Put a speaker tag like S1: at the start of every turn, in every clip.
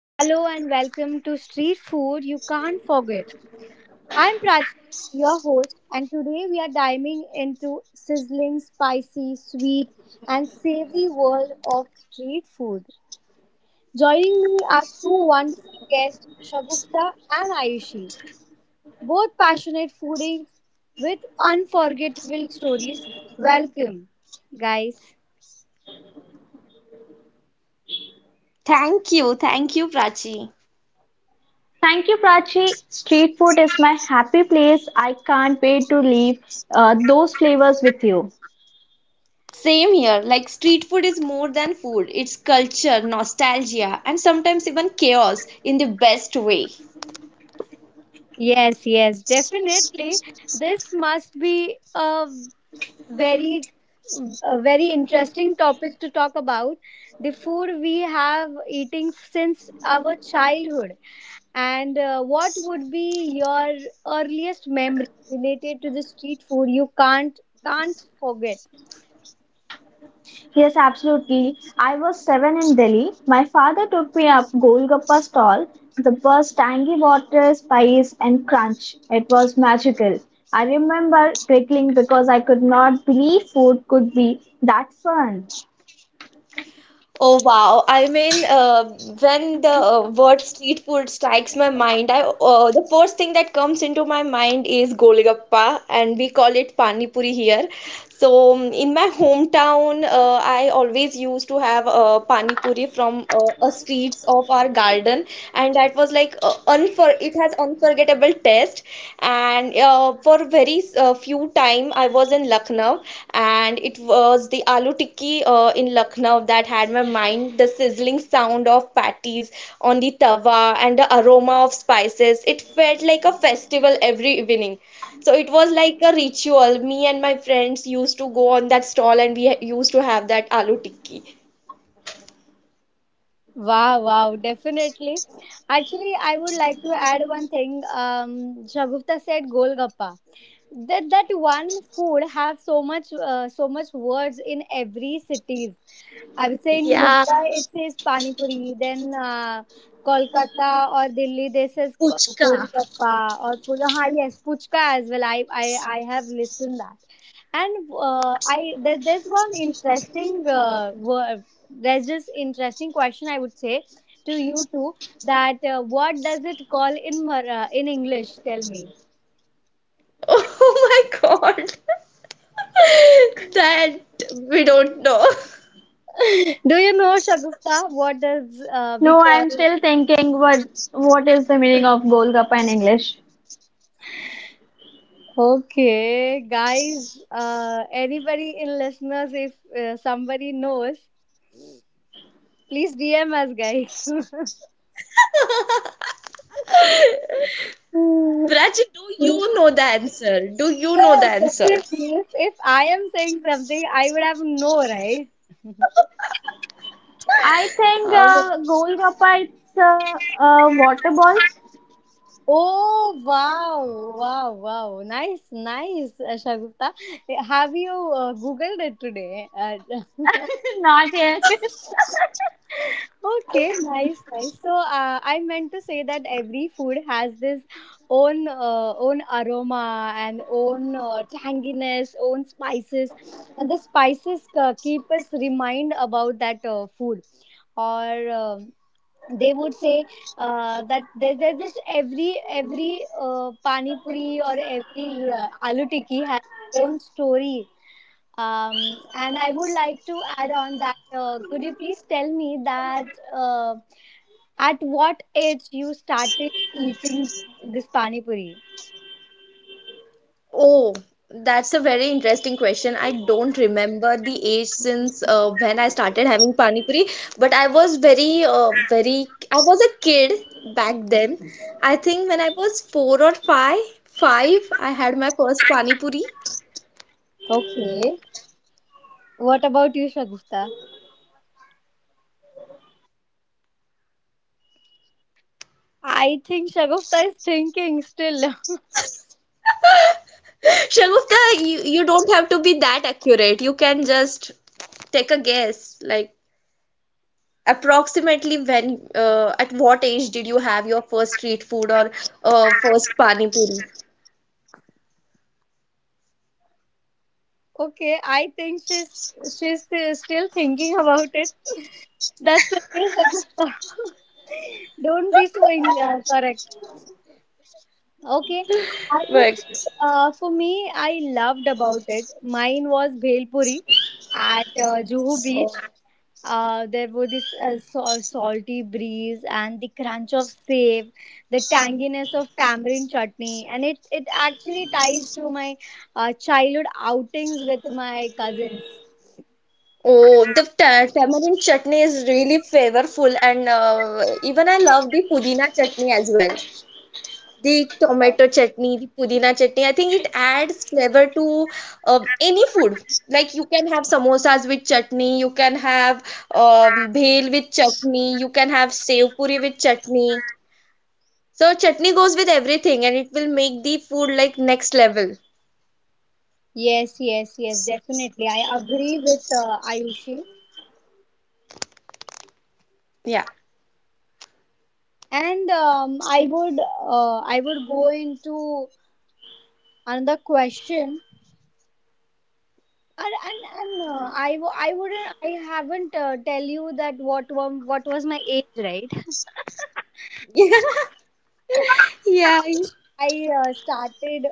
S1: Hello and welcome to Street Food You Can't Forget. I'm Prachi, your host, and today we are diving into sizzling, spicy, sweet, and savory world of street food. Joining me are two wonderful guests, Shagufta and Ayushi, both passionate foodies with unforgettable stories. Welcome, guys.
S2: Thank you, Prachi.
S3: Thank you, Prachi. Street food is my happy place. I can't wait to leave those flavors with you.
S2: Same here. Like street food is more than food, it's culture, nostalgia, and sometimes even chaos in the best way.
S1: Yes, yes, definitely. This must be a very very interesting topic to talk about the food we have eating since our childhood and what would be your earliest memory related to the street food you can't forget.
S3: Yes, absolutely. I was seven in Delhi. My father took me up Golgappa stall. The bus tangy water, spice, and crunch. It was magical. I remember giggling because I could not believe food could be that fun.
S2: Oh wow. When the word street food strikes my mind, I the first thing that comes into my mind is Golgappa, and we call it Pani Puri here. In my hometown, I always used to have Pani Puri from a streets of our garden, and that was like unfor it has unforgettable taste and for very few time I was in Lucknow, and it was the aloo tikki in Lucknow that had my mind. The sizzling sound of patties on the tawa and the aroma of spices, it felt like a festival every evening. So it was like a ritual. Me and my friends used to go on that stall and we used to have that aloo tikki.
S1: Wow, wow, definitely. Actually, I would like to add one thing. Shagufta said golgappa. That one food have so much so much words in every cities. I would say in
S2: Yeah.
S1: Mumbai it says Pani Puri, then Kolkata or Delhi they says
S2: Puchka.
S1: Golgappa or Pula. Ha, yes, Puchka as well. I have listened that. And I there's one interesting word. There's just interesting question I would say to you too that what does it call in in English? Tell me.
S2: Oh my god. That we don't know.
S1: Do you know, Shagufta? What does we
S3: No,
S1: call?
S3: I'm still thinking what is the meaning of Golgappa in English?
S1: Okay, guys. Anybody in listeners, if somebody knows, please DM us, guys.
S2: Prachi, do you know the answer? Do you know the
S1: Yes,
S2: answer?
S1: definitely. If I am saying something, I would have no right?
S3: I think
S2: Um,
S3: Golgappa, it's water balls.
S1: Oh wow, wow, wow! Nice, nice, Shagufta. Have you googled it today?
S3: Not yet.
S1: Okay, nice, nice. So I meant to say that every food has this own own aroma and own tanginess, own spices, and the spices keep us remind about that food. Or they would say that there's just every pani puri or every aloo tikki has own story. And I would like to add on that could you please tell me that uh, at what age you started eating this pani puri?
S2: oh, that's a very interesting question. I don't remember the age since when I started having pani puri, but I was very, I was a kid back then. I think when I was 4 or 5, 5, I had my first pani puri.
S1: Okay. What about you, Shagufta? I think Shagufta is thinking still.
S2: Shagufta, you don't have to be that accurate. You can just take a guess. Like, approximately when at what age did you have your first street food or first pani puri.
S1: Okay, I think she's still thinking about it. That's okay, Shagufta. Don't be so correct. Okay, I would
S2: Right.
S1: say, for me, I loved about it. Mine was Bhel Puri at Juhu Beach. There were this salty breeze and the crunch of save, the tanginess of tamarind chutney, and it actually ties to my childhood outings with my cousins.
S2: Oh, the tamarind chutney is really flavorful, and even I love the pudina chutney as well. The tomato chutney, the pudina chutney, I think it adds flavor to any food. Like you can have samosas with chutney, you can have bhel with chutney, you can have sev puri with chutney. So chutney goes with everything and it will make the food like next level.
S1: Yes, yes, yes, definitely. I agree with Ayushi.
S2: Yeah.
S1: And I would go into another question. I wouldn't I haven't tell you that what was my age, right.
S2: Yeah. I-
S1: I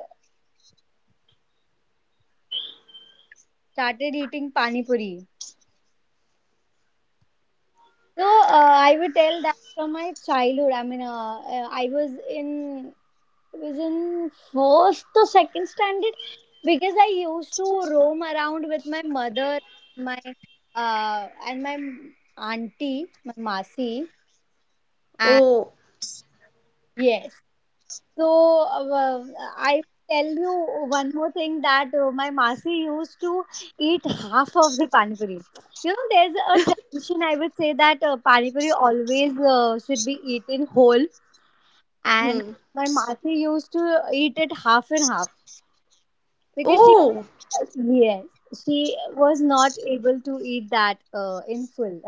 S1: started eating pani puri. So I would tell that from my childhood. I mean, I was in first to second standard because I used to roam around with my mother, my and my auntie, my masi, and
S2: Oh.
S1: yes. So I tell you one more thing that my masi used to eat half of the pani puri. You know, there's a tradition I would say that pani puri always should be eaten whole, and
S2: Hmm.
S1: my masi used to eat it half and half because she,
S2: Oh.
S1: yes, she was not able to eat that in full.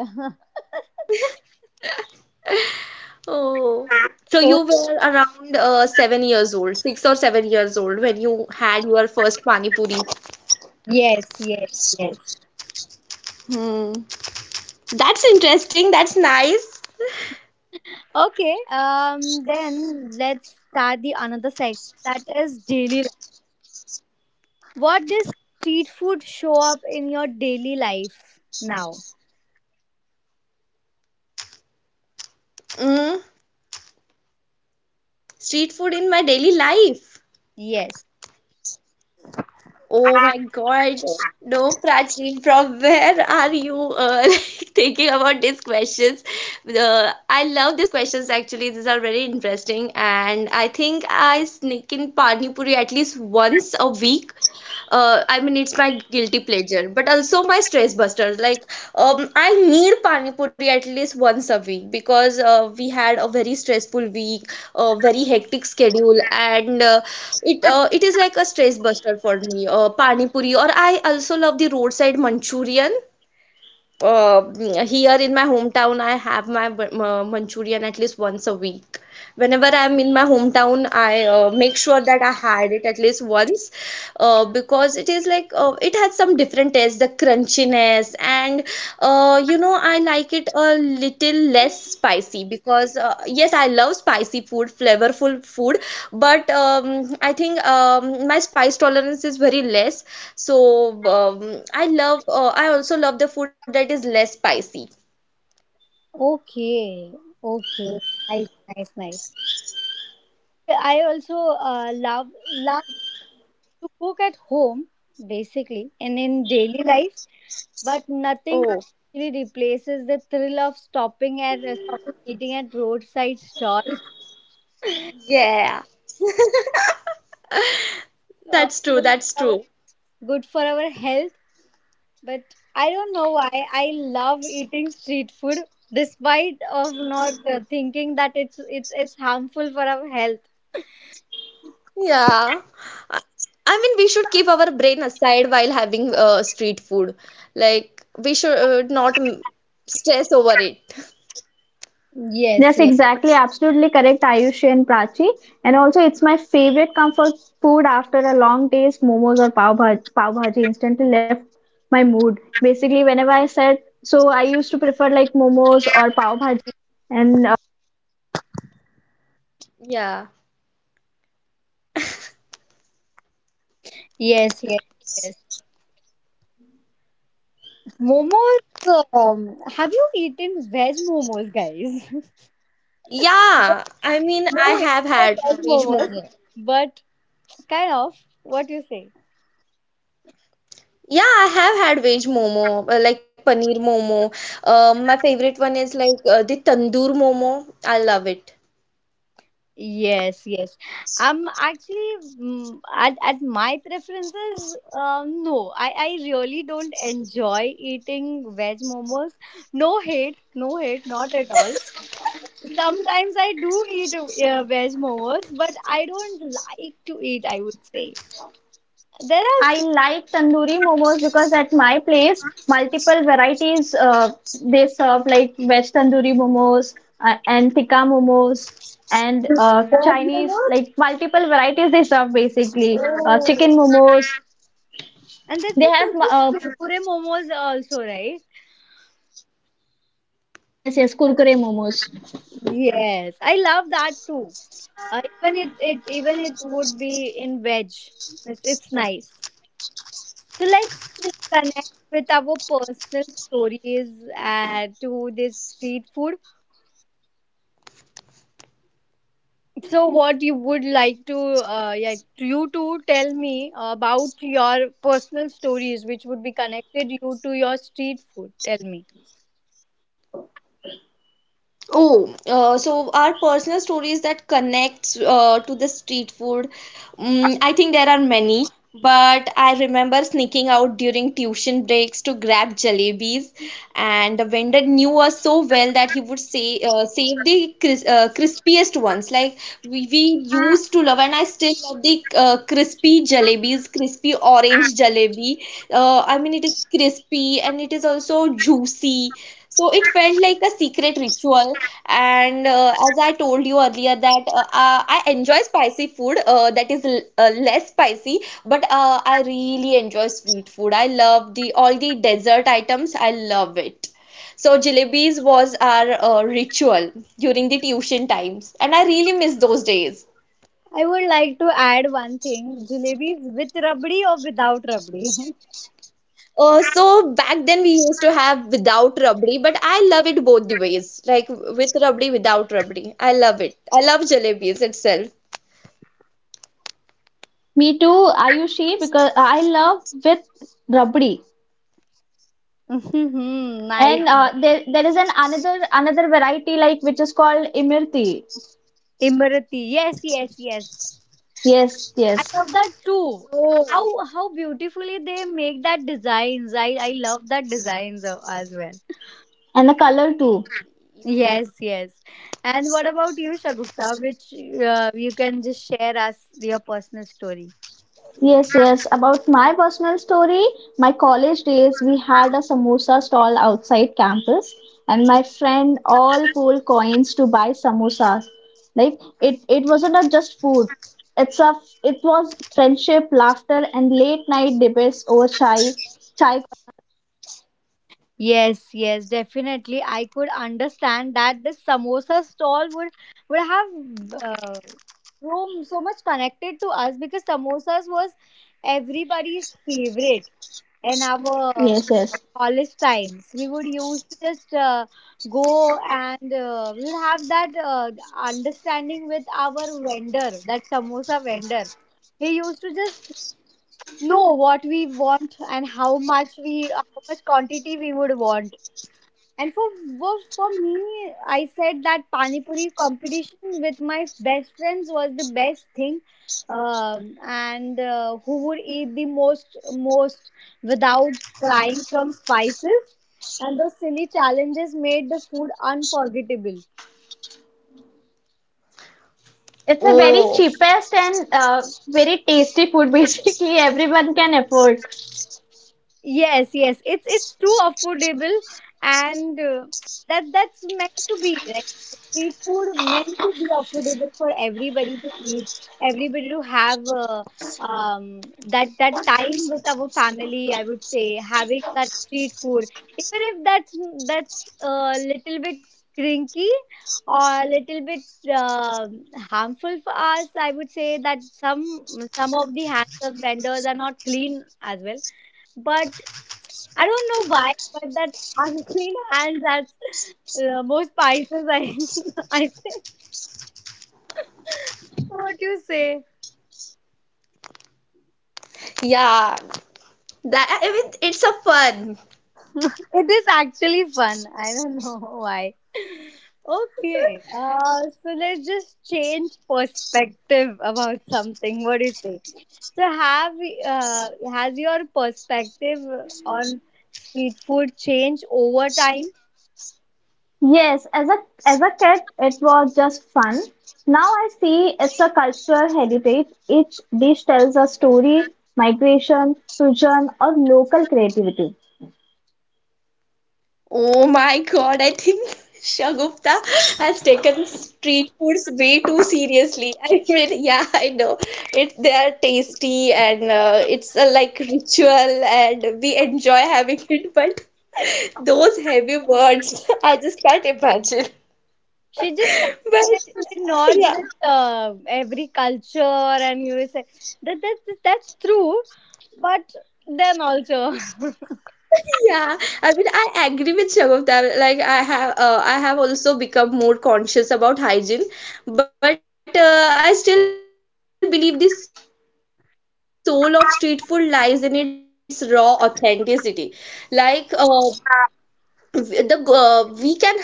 S2: Oh. So
S1: Oh,
S2: you were around 7 years old, 6 or 7 years old when you had your first pani puri.
S1: yes, yes, yes.
S2: Hmm. That's interesting. That's nice.
S1: Okay, then let's start the another segment that is daily life. What does street food show up in your daily life now?
S2: Mm. Street food in my daily life.
S1: Yes.
S2: Oh my God. No, Prachleen, from where are you like, thinking about these questions? I love these questions actually. These are very interesting. And I think I sneak in Pani Puri at least once a week. I mean, it's my guilty pleasure, but also my stress buster. Like, I need pani puri at least once a week because we had a very stressful week, a very hectic schedule, and it is like a stress buster for me. Pani puri, or I also love the roadside Manchurian. Uh, Here in my hometown, I have my Manchurian at least once a week. Whenever I'm in my hometown, I make sure that I had it at least once because it is like it has some different taste, the crunchiness, and you know, I like it a little less spicy because yes, I love spicy food, flavorful food, but I think my spice tolerance is very less, so I love, I also love the food that is less spicy.
S1: Okay. Okay. Nice, nice, nice. I also love to cook at home, basically, and in daily life. But nothing
S2: Oh,
S1: actually replaces the thrill of stopping eating at roadside stalls.
S2: yeah. That's true, that's
S1: Uh,
S2: true.
S1: good for our health, but I don't know why I love eating street food, despite of not thinking that it's harmful for our health.
S2: Yeah. I I mean, we should keep our brain aside while having street food. Like, we should not stress over it.
S1: Yes,
S3: Yes,
S1: yes,
S3: exactly. Absolutely correct, Ayushi and Prachi. And also, it's my favorite comfort food after a long day's momos or pav bhaji. Pav bhaji instantly left my mood. Basically, whenever I said, so I used to prefer like momos or pav bhaji. And
S2: Yeah.
S1: yes, yes, yes, momos. um, have you eaten veg momos, guys?
S2: Yeah. I mean,
S1: No,
S2: I
S1: it's
S2: have
S1: not
S2: had
S1: veg
S2: veg
S1: momos,
S2: momo.
S1: but kind of, what do you say?
S2: Yeah, I have had veg momo, like paneer momo. My favorite one is like the tandoor momo. I love it.
S1: Yes, yes. Actually, at my preferences, no, I really don't enjoy eating veg momos. No hate, no hate, not at all. Sometimes I do eat veg momos, but I don't like to eat, I would say. There
S3: I
S1: are
S3: like tandoori momos because at my place, multiple varieties they serve like veg tandoori momos and tikka momos and
S1: veg
S3: Chinese
S1: momos.
S3: like multiple varieties they serve basically
S1: Oh,
S3: chicken momos.
S1: and that's
S3: They have
S1: just kurkure momos also, right?
S3: yes, yes, kurkure momos.
S1: Yes, I love that too. Even it even it would be in veg. It's nice. So let's just connect with our personal stories to this street food. So what you would like to you to tell me about your personal stories which would be connected you to your street food. Tell me.
S2: Oh, so our personal stories that connects to the street food. Mm, I think there are many, but I remember sneaking out during tuition breaks to grab jalebis, and the vendor knew us so well that he would say save the crispiest ones. Like we used to love, and I still love the crispy jalebis, crispy orange jalebi. I mean, it is crispy and it is also juicy. So it felt like a secret ritual. And as I told you earlier, that I enjoy spicy food that is less spicy, but I really enjoy sweet food. I love the all the dessert items. I love it. So jalebis was our ritual during the tuition times, and I really miss those days.
S1: I would like to add one thing: jalebis with rabdi or without rabdi.
S2: So back then we used to have without rabdi, but I love it both the ways, like with rabdi, without rabdi. I love it. I love jalebis itself.
S3: Me too, Ayushi, because I love with rabdi,
S1: Hmm, nice.
S3: and there is an another another variety like which is called imirti.
S1: Imrati. Yes, yes, yes.
S3: Yes,
S1: I
S3: yes,
S1: love that too.
S2: 哦。
S1: How beautifully they make that designs. I love that designs as well.
S3: and the color too.
S1: Yes, yes. And what about you, Shagufta? Which you can just share us your personal story.
S3: Yes, yes. About my personal story, my college days, we had a samosa stall outside campus, and my friend all pool coins to buy samosas. Like it wasn't a just food. It's a, it was friendship, laughter, and late night debates over chai, chai.
S1: Yes, yes, definitely. I could understand that this samosa stall would have uh, so so much connected to us because samosas was everybody's favorite in
S3: Yes,
S1: our
S3: yes.
S1: college times. We would used to just go and we would have that understanding with our vendor, that samosa vendor. He used to just know what we want and how much quantity we would want. And for for for me, I said that pani puri competition with my best friends was the best thing, and who would eat the most without crying from spices, and those silly challenges made the food unforgettable.
S3: It's a
S1: Have.
S3: very
S2: Oh,
S3: cheapest and very tasty food. Basically, everyone can afford.
S1: Yes, yes, it's too affordable, and that that's meant to be like street food, meant to be affordable for everybody to eat, everybody to have that that time with our family. I would say having that street food, even if that's a little bit crinky or a little bit uh, harmful for us. I would say that some of the hands of vendors are not clean as well, but I don't know why, but that unclean hands, that's the most Pisces I, I think. What you say?
S2: yeah. That I mean, it's a fun.
S1: It is actually fun. I don't know why. Okay. So let's just change perspective about something. What do you say? So have has your perspective on street food changed over time?
S3: Yes, as a kid, it was just fun. Now I see it's a cultural heritage. Each dish tells a story, migration, fusion, or local creativity.
S2: Oh my God, I think Shagufta has taken street foods way too seriously. I mean, yeah, I know. It they are tasty and it's a like ritual and we enjoy having it, but those heavy words, I just can't imagine.
S1: She just
S2: But
S1: connected the nods
S2: yeah,
S1: with every culture, and you say that that's true, but them also.
S2: yeah, I mean, I agree with Shagufta. Like, I have also become more conscious about hygiene, but I still believe the soul of street food lies in its raw authenticity. Like, the we can have the best golgappa in Delhi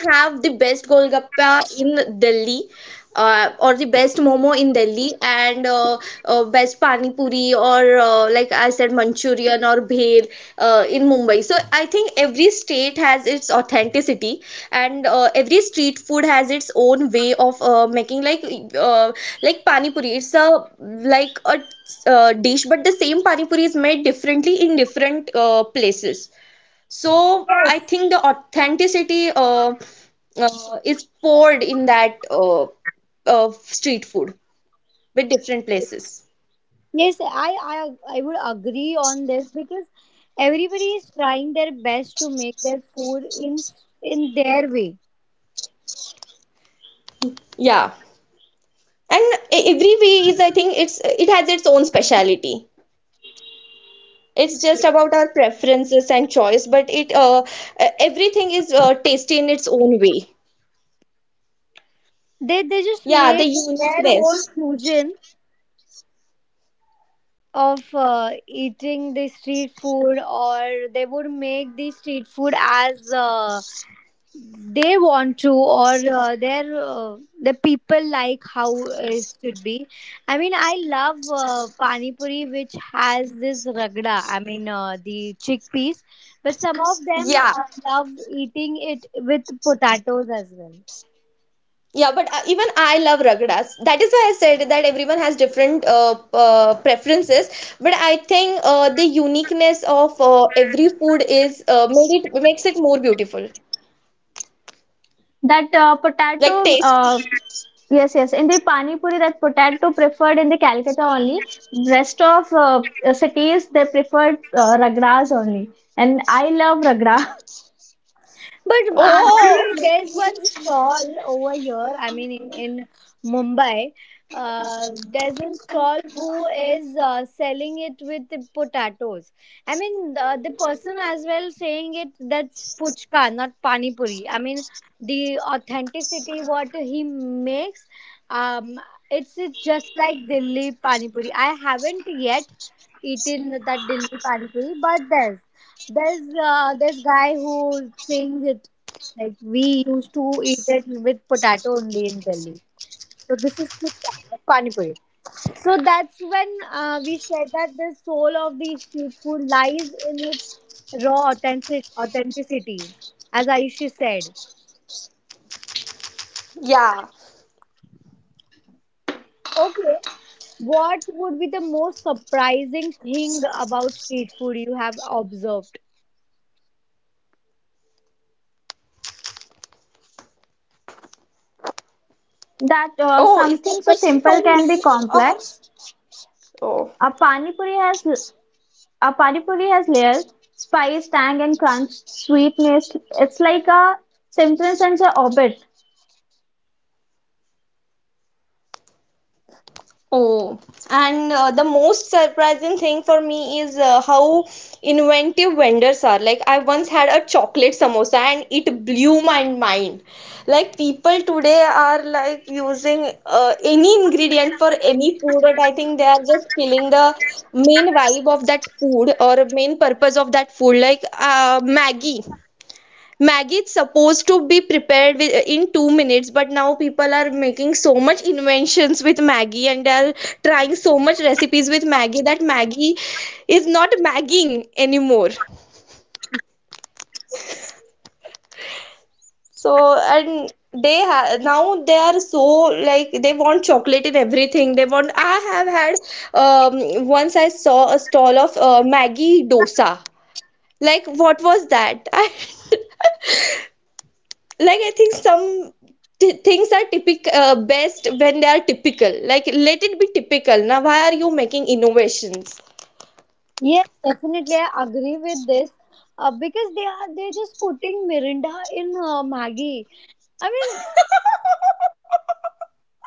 S2: or the best momo in Delhi and best pani puri or like I said Manchurian or bhel in Mumbai. So I think every state has its authenticity and every street food has its own way of making uh, like pani puri. It's a like a dish, but the same pani puri is made differently in different places. So I think the authenticity
S1: Yes,
S2: is poured in that street food with different places.
S1: yes, I would agree on this because everybody is trying their best to make their food in their way.
S2: Yeah, and every way is, I think it's it has its own speciality. It's just about our preferences and choice, but everything is tasty in its own way.
S1: They just
S2: Yeah, the
S1: make their own
S2: uniqueness.
S1: fusion of eating the street food, or they would make the street food as. Uh, they want to or the people like how it should be. I mean, I love pani puri which has this ragda, I mean the chickpeas, but some of them
S2: Yeah.
S1: love eating it with potatoes as well.
S2: Yeah, but even I love Ragdas. That is why I said that everyone has different preferences. But I think the uniqueness of every food is made it makes it more beautiful,
S3: That
S2: like
S3: potato,
S2: tasty.
S3: yes, yes, in the pani puri, that potato preferred in the Calcutta only. Rest of cities they preferred ragras only, and I love ragra.
S1: But
S2: Oh,
S1: actually, there's one stall over here. I mean, in Mumbai, there's a stall who is selling it with the potatoes. I mean, the person as well saying it, that's puchka, not pani puri. I mean, the authenticity what he makes, um, it's just like Delhi pani puri. I haven't yet eaten that Delhi pani puri, but there's this guy who sings it like we used to eat it with potato only in Delhi. So this is Kuchka, Pani Puri. So that's when we said that the soul of the street food lies in its raw authenticity, as Ayushi said.
S2: yeah.
S1: Okay, what would be the most surprising thing about street food you have observed?
S3: That
S2: Oh, is that
S3: something so
S2: question for
S3: simple can
S2: me
S3: be
S2: or?
S3: complex.
S2: Oh.
S3: A pani puri has A pani puri has layer, spice, tang, and crunch, sweetness. It's like a Simpson sends a orbit
S2: Oh, and the most surprising thing for me is how inventive vendors are. Like, I once had a chocolate samosa and it blew my mind. Like, people today are like using any ingredient for any food, and I think they are just killing the main vibe of that food or main purpose of that food. Like, Maggie. Maggi is supposed to be prepared with, in 2 minutes, but now people are making so much inventions with Maggie and they are trying so much recipes with Maggie that Maggie is not Magging anymore. So and now they are so like they want chocolate in everything. They want. I have had once I saw a stall of Maggie dosa. Like what was that? I think some things are typical best when they are typical. Like, let it be typical. Now why are you making innovations?
S1: Yeah, definitely, I agree with this. Because they are they're just putting Mirinda in Maggie. I mean,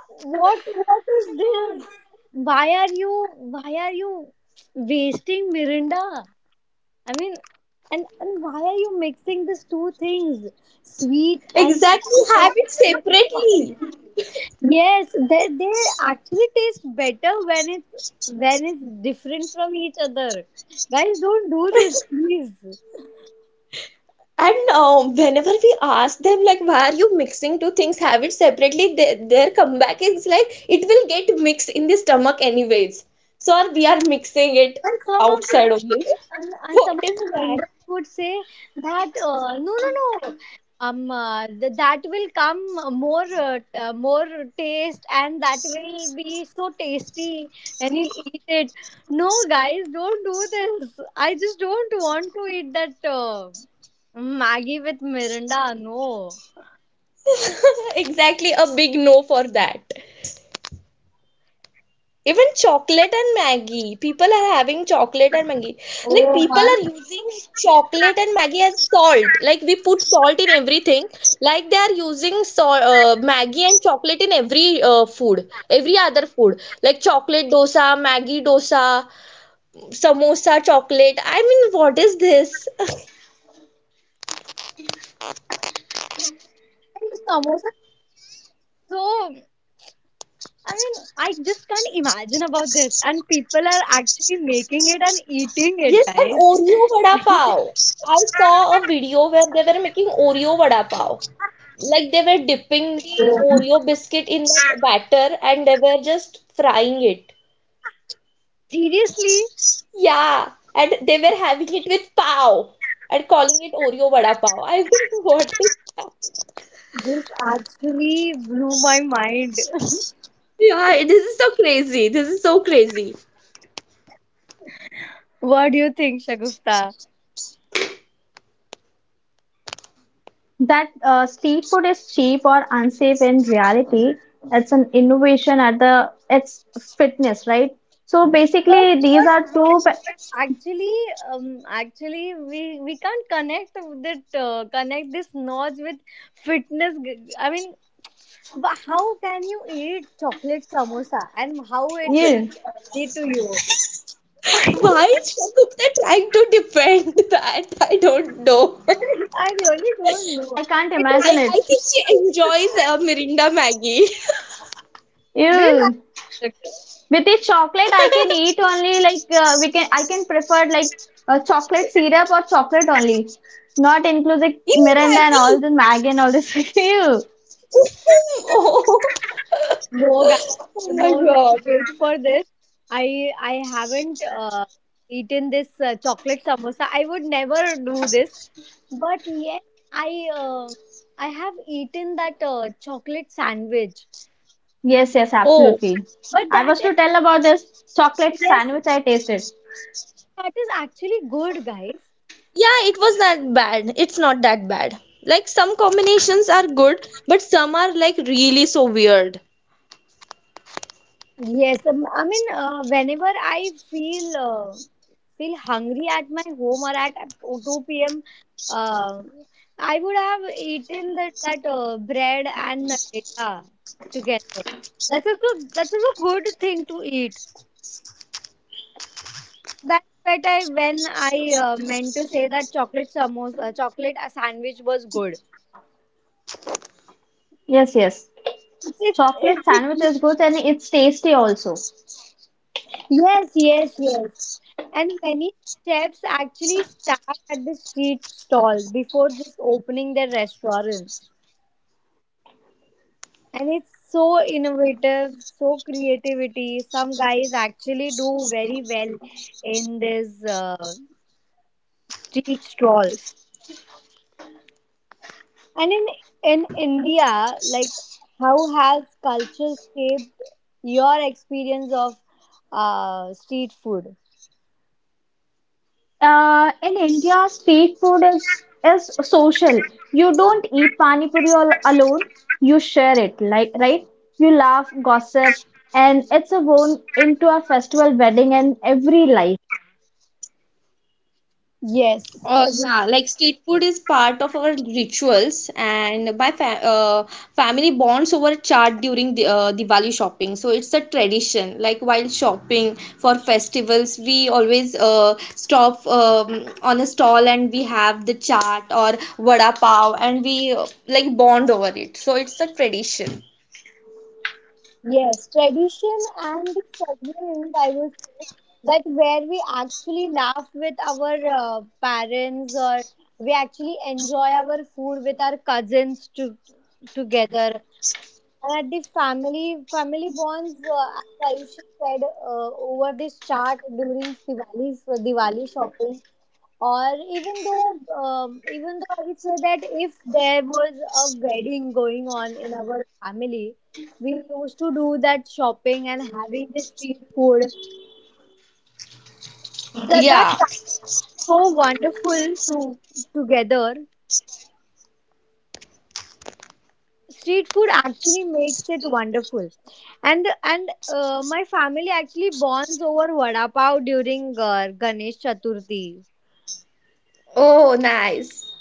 S1: what is this? Why are you, why are you wasting Mirinda? I mean, and why are you mixing these two things, sweet and sour? Yes, they actually taste better when it's different from each other. Guys, don't do this, please.
S2: And whenever we ask them, like, why are you mixing two things, have it separately, they, their comeback is like, it will get mixed in the stomach anyways. So we are mixing it
S1: And some of the,
S2: outside only.
S1: and some
S2: What
S1: of
S2: is
S1: the
S2: that?
S1: vendors would say that no, no, no, that will come more taste and that will be so tasty and you'll eat it. No, guys, don't do this. I just don't want to eat that Maggie with Mirinda. No.
S2: Exactly a big no for that. Even chocolate and Maggie. People are having chocolate and Maggie. Like
S1: Oh
S2: people
S1: my.
S2: are using chocolate and Maggie as salt. Like we put salt in everything. Like they are using salt, Maggie and chocolate in every food, every other food. Like chocolate dosa, Maggie dosa, samosa chocolate. I mean, what is this?
S1: And samosa. So I mean, I just can't imagine about this. And people are actually making it and eating it, guys.
S2: Yes, and Oreo vada pav. I saw a video where they were making Oreo vada pav. Like they were dipping the Oreo biscuit in that batter and they were just frying it.
S1: Seriously,
S2: Yeah, and they were having it with pav and calling it Oreo vada pav. I mean, what is that?
S1: this actually blew my mind.
S2: Yeah, this is so crazy. This is so crazy.
S1: What do you think, Shagufta?
S3: that street food is cheap or unsafe in reality. It's an innovation at the it's fitness, right? So
S1: But
S3: basically, these are
S1: but what
S3: two. Pa-
S1: what actually, actually we can't connect that connect this knowledge with fitness. I mean, how can you eat chocolate samosa and how it will
S3: Ew.
S1: be healthy to you?
S2: Why is Shagupta trying to defend that? I don't know.
S1: I really don't
S3: Even
S1: know.
S3: I can't
S1: It is.
S3: imagine
S2: I
S3: it.
S2: think she enjoys Mirinda Maggie.
S1: Do you
S3: Ew.
S1: like?
S3: With the chocolate, I can eat only like we can. I can prefer like chocolate syrup or chocolate only, not inclusive
S2: In
S3: Miranda and all
S2: Maggie.
S3: the Mag and all this. Ew.
S2: Oh,
S1: No, guys,
S2: oh my
S1: no, no.
S2: God.
S1: Wait for this. I haven't eaten this chocolate samosa. I would never do this. But yes, I have eaten that chocolate sandwich.
S3: Yes, yes,
S2: Oh,
S3: absolutely.
S1: But
S3: I
S1: that
S3: was
S1: is
S3: to tell about this chocolate
S1: yes,
S3: sandwich I tasted.
S1: that is actually good, guys.
S2: yeah, it was that bad. It's not that bad. Like some combinations are good, but some are like really so weird.
S1: Yes, I mean, whenever I feel hungry at my home or at 2 p.m., uh, I would have eaten that bread and Nutella together. That's also that's also a good thing to eat. That's what I when I meant to say that chocolate samosa, chocolate sandwich was good.
S3: Yes, yes.
S1: It's, it's,
S3: Chocolate sandwich
S1: it's
S3: is good and it's tasty also.
S1: yes, yes, yes. And many chefs actually start at the street stalls before just opening their restaurants. And it's so innovative, so creativity. Some guys actually do very well in these street stalls. And in India, like how has culture shaped your experience of street food?
S3: In India, street food is social. You don't eat pani puri all alone. You share it, like right? You laugh, gossip, and it's a bone into a festival, wedding, and every life.
S1: Yes, every
S2: Yeah, like street food is part of our rituals and my fa family bonds over chaat during the Diwali shopping. So it's a tradition. Like while shopping for festivals, we always stop on a stall and we have the chaat or vada pav and we like bond over it. So it's a tradition.
S1: Yes, tradition and the segment I would say that where we actually laugh with our parents or we actually enjoy our food with our cousins to, together and at the family bonds as Ayush said over this chart during Diwali shopping or even though I would say that if there was a wedding going on in our family we used to do that shopping and having the street food that's
S2: Yeah.
S1: so wonderful to together street food actually makes it wonderful and my family actually bonds over vada pav during ganesh chaturthi
S2: Oh, nice.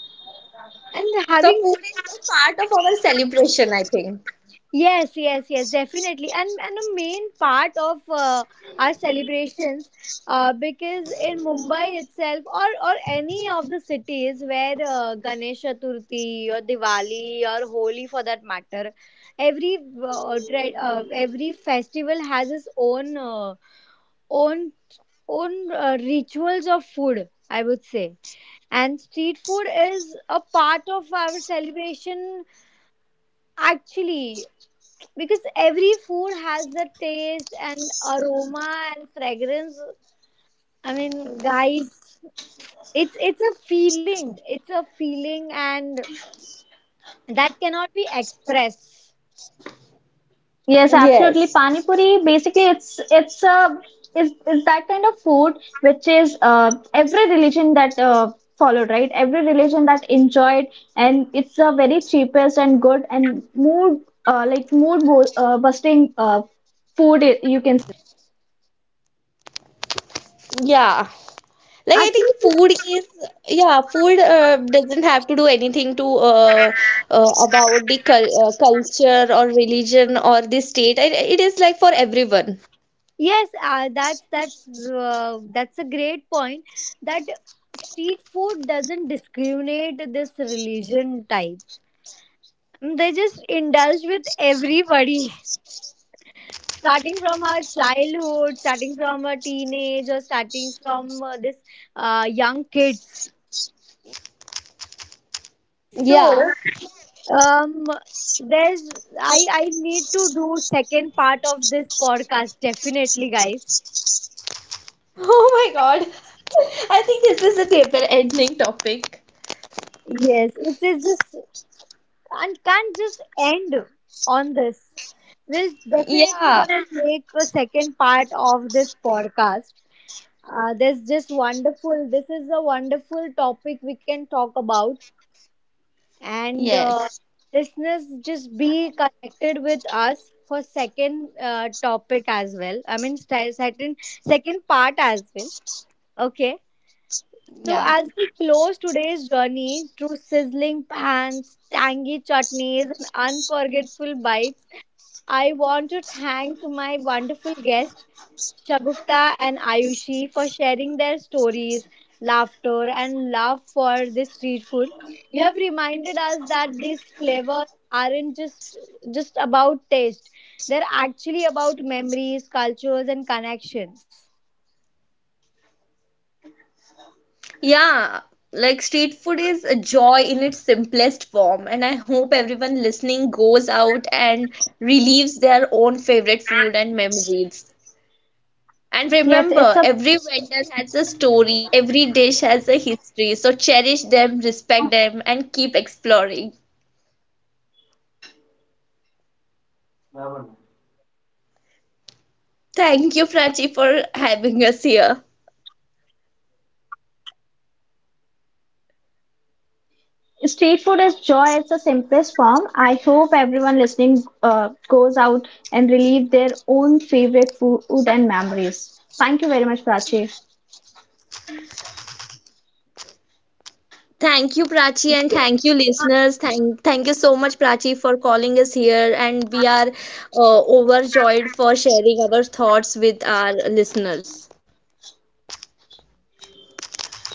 S1: and
S2: So
S1: having
S2: food is a part of our celebration, I think.
S1: yes, yes, yes, definitely. And a main part of our celebrations, because in Mumbai itself, or any of the cities where Ganesh Chaturthi or Diwali or Holi, for that matter, every every festival has its own own rituals of food, I would say, and street food is a part of our celebration actually, because every food has the taste and aroma and fragrance. I mean, guys, it's a feeling, and that cannot be expressed
S3: Yes, absolutely.
S2: Yes.
S3: Pani puri, basically, it's a is that kind of food which is every religion that followed, right? Every religion that enjoyed, and it's the very cheapest and good and mood like mood bo busting food. I- You can
S2: Yeah. Like I
S1: actually.
S2: think
S1: This,
S2: food is yeah, food doesn't have to do anything to about the culture or religion or the state. It is like for everyone.
S1: yes, that's a great point that street food doesn't discriminate this religion types. They just indulge with everybody starting from our childhood, starting from our teenage, or starting from this young kids. So
S2: Yeah.
S1: um, there's I need to do second part of this podcast definitely, guys.
S2: Oh my God. I think this is a paper ending topic.
S1: Yes, it's just and can't just end on this. We'll definitely
S2: Yeah.
S1: gonna make a second part of this podcast. This just wonderful. This is a wonderful topic we can talk about. And
S2: Yes.
S1: listeners, just be connected with us for second topic as well. I mean, second second part as well. Okay, so
S2: Yeah.
S1: as we close today's journey through sizzling pans, tangy chutneys, and unforgettable bites, I want to thank my wonderful guest Shagufta and Ayushi for sharing their stories, laughter, and love for this street food. You have reminded us that these flavors aren't just about taste; they're actually about memories, cultures, and connections.
S2: Yeah, like street food is a joy in its simplest form, and I hope everyone listening goes out and relieves their own favorite food and memories. And
S3: Yes, it's
S2: remember,
S3: a
S2: every vendor has a story, every dish has a history. So cherish them, respect them, and keep exploring.
S1: Yes, Shagufta.
S2: Thank you, Prachi, for having us here.
S3: street food is joy. It's the simplest form. I hope everyone listening goes out and relive their own favorite food and memories. Thank you very much, Prachi.
S2: Thank you, Prachi, and thank you, listeners. Thank you so much, Prachi, for calling us here. And we are overjoyed for sharing our thoughts with our listeners.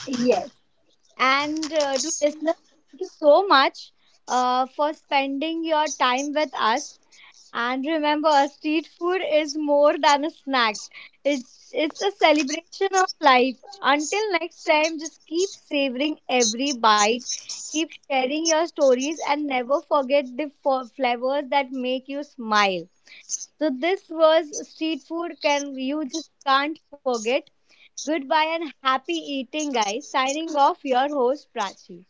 S1: Yes. And to listeners, thank you so much for spending your time with us. And remember, street food is more than a snack. It's a celebration of life. Until next time, just keep savoring every bite, keep sharing your stories, and never forget the flavors that make you smile. So this was street food. Can you just can't forget? Goodbye and happy eating, guys. Signing off, your host Prachi.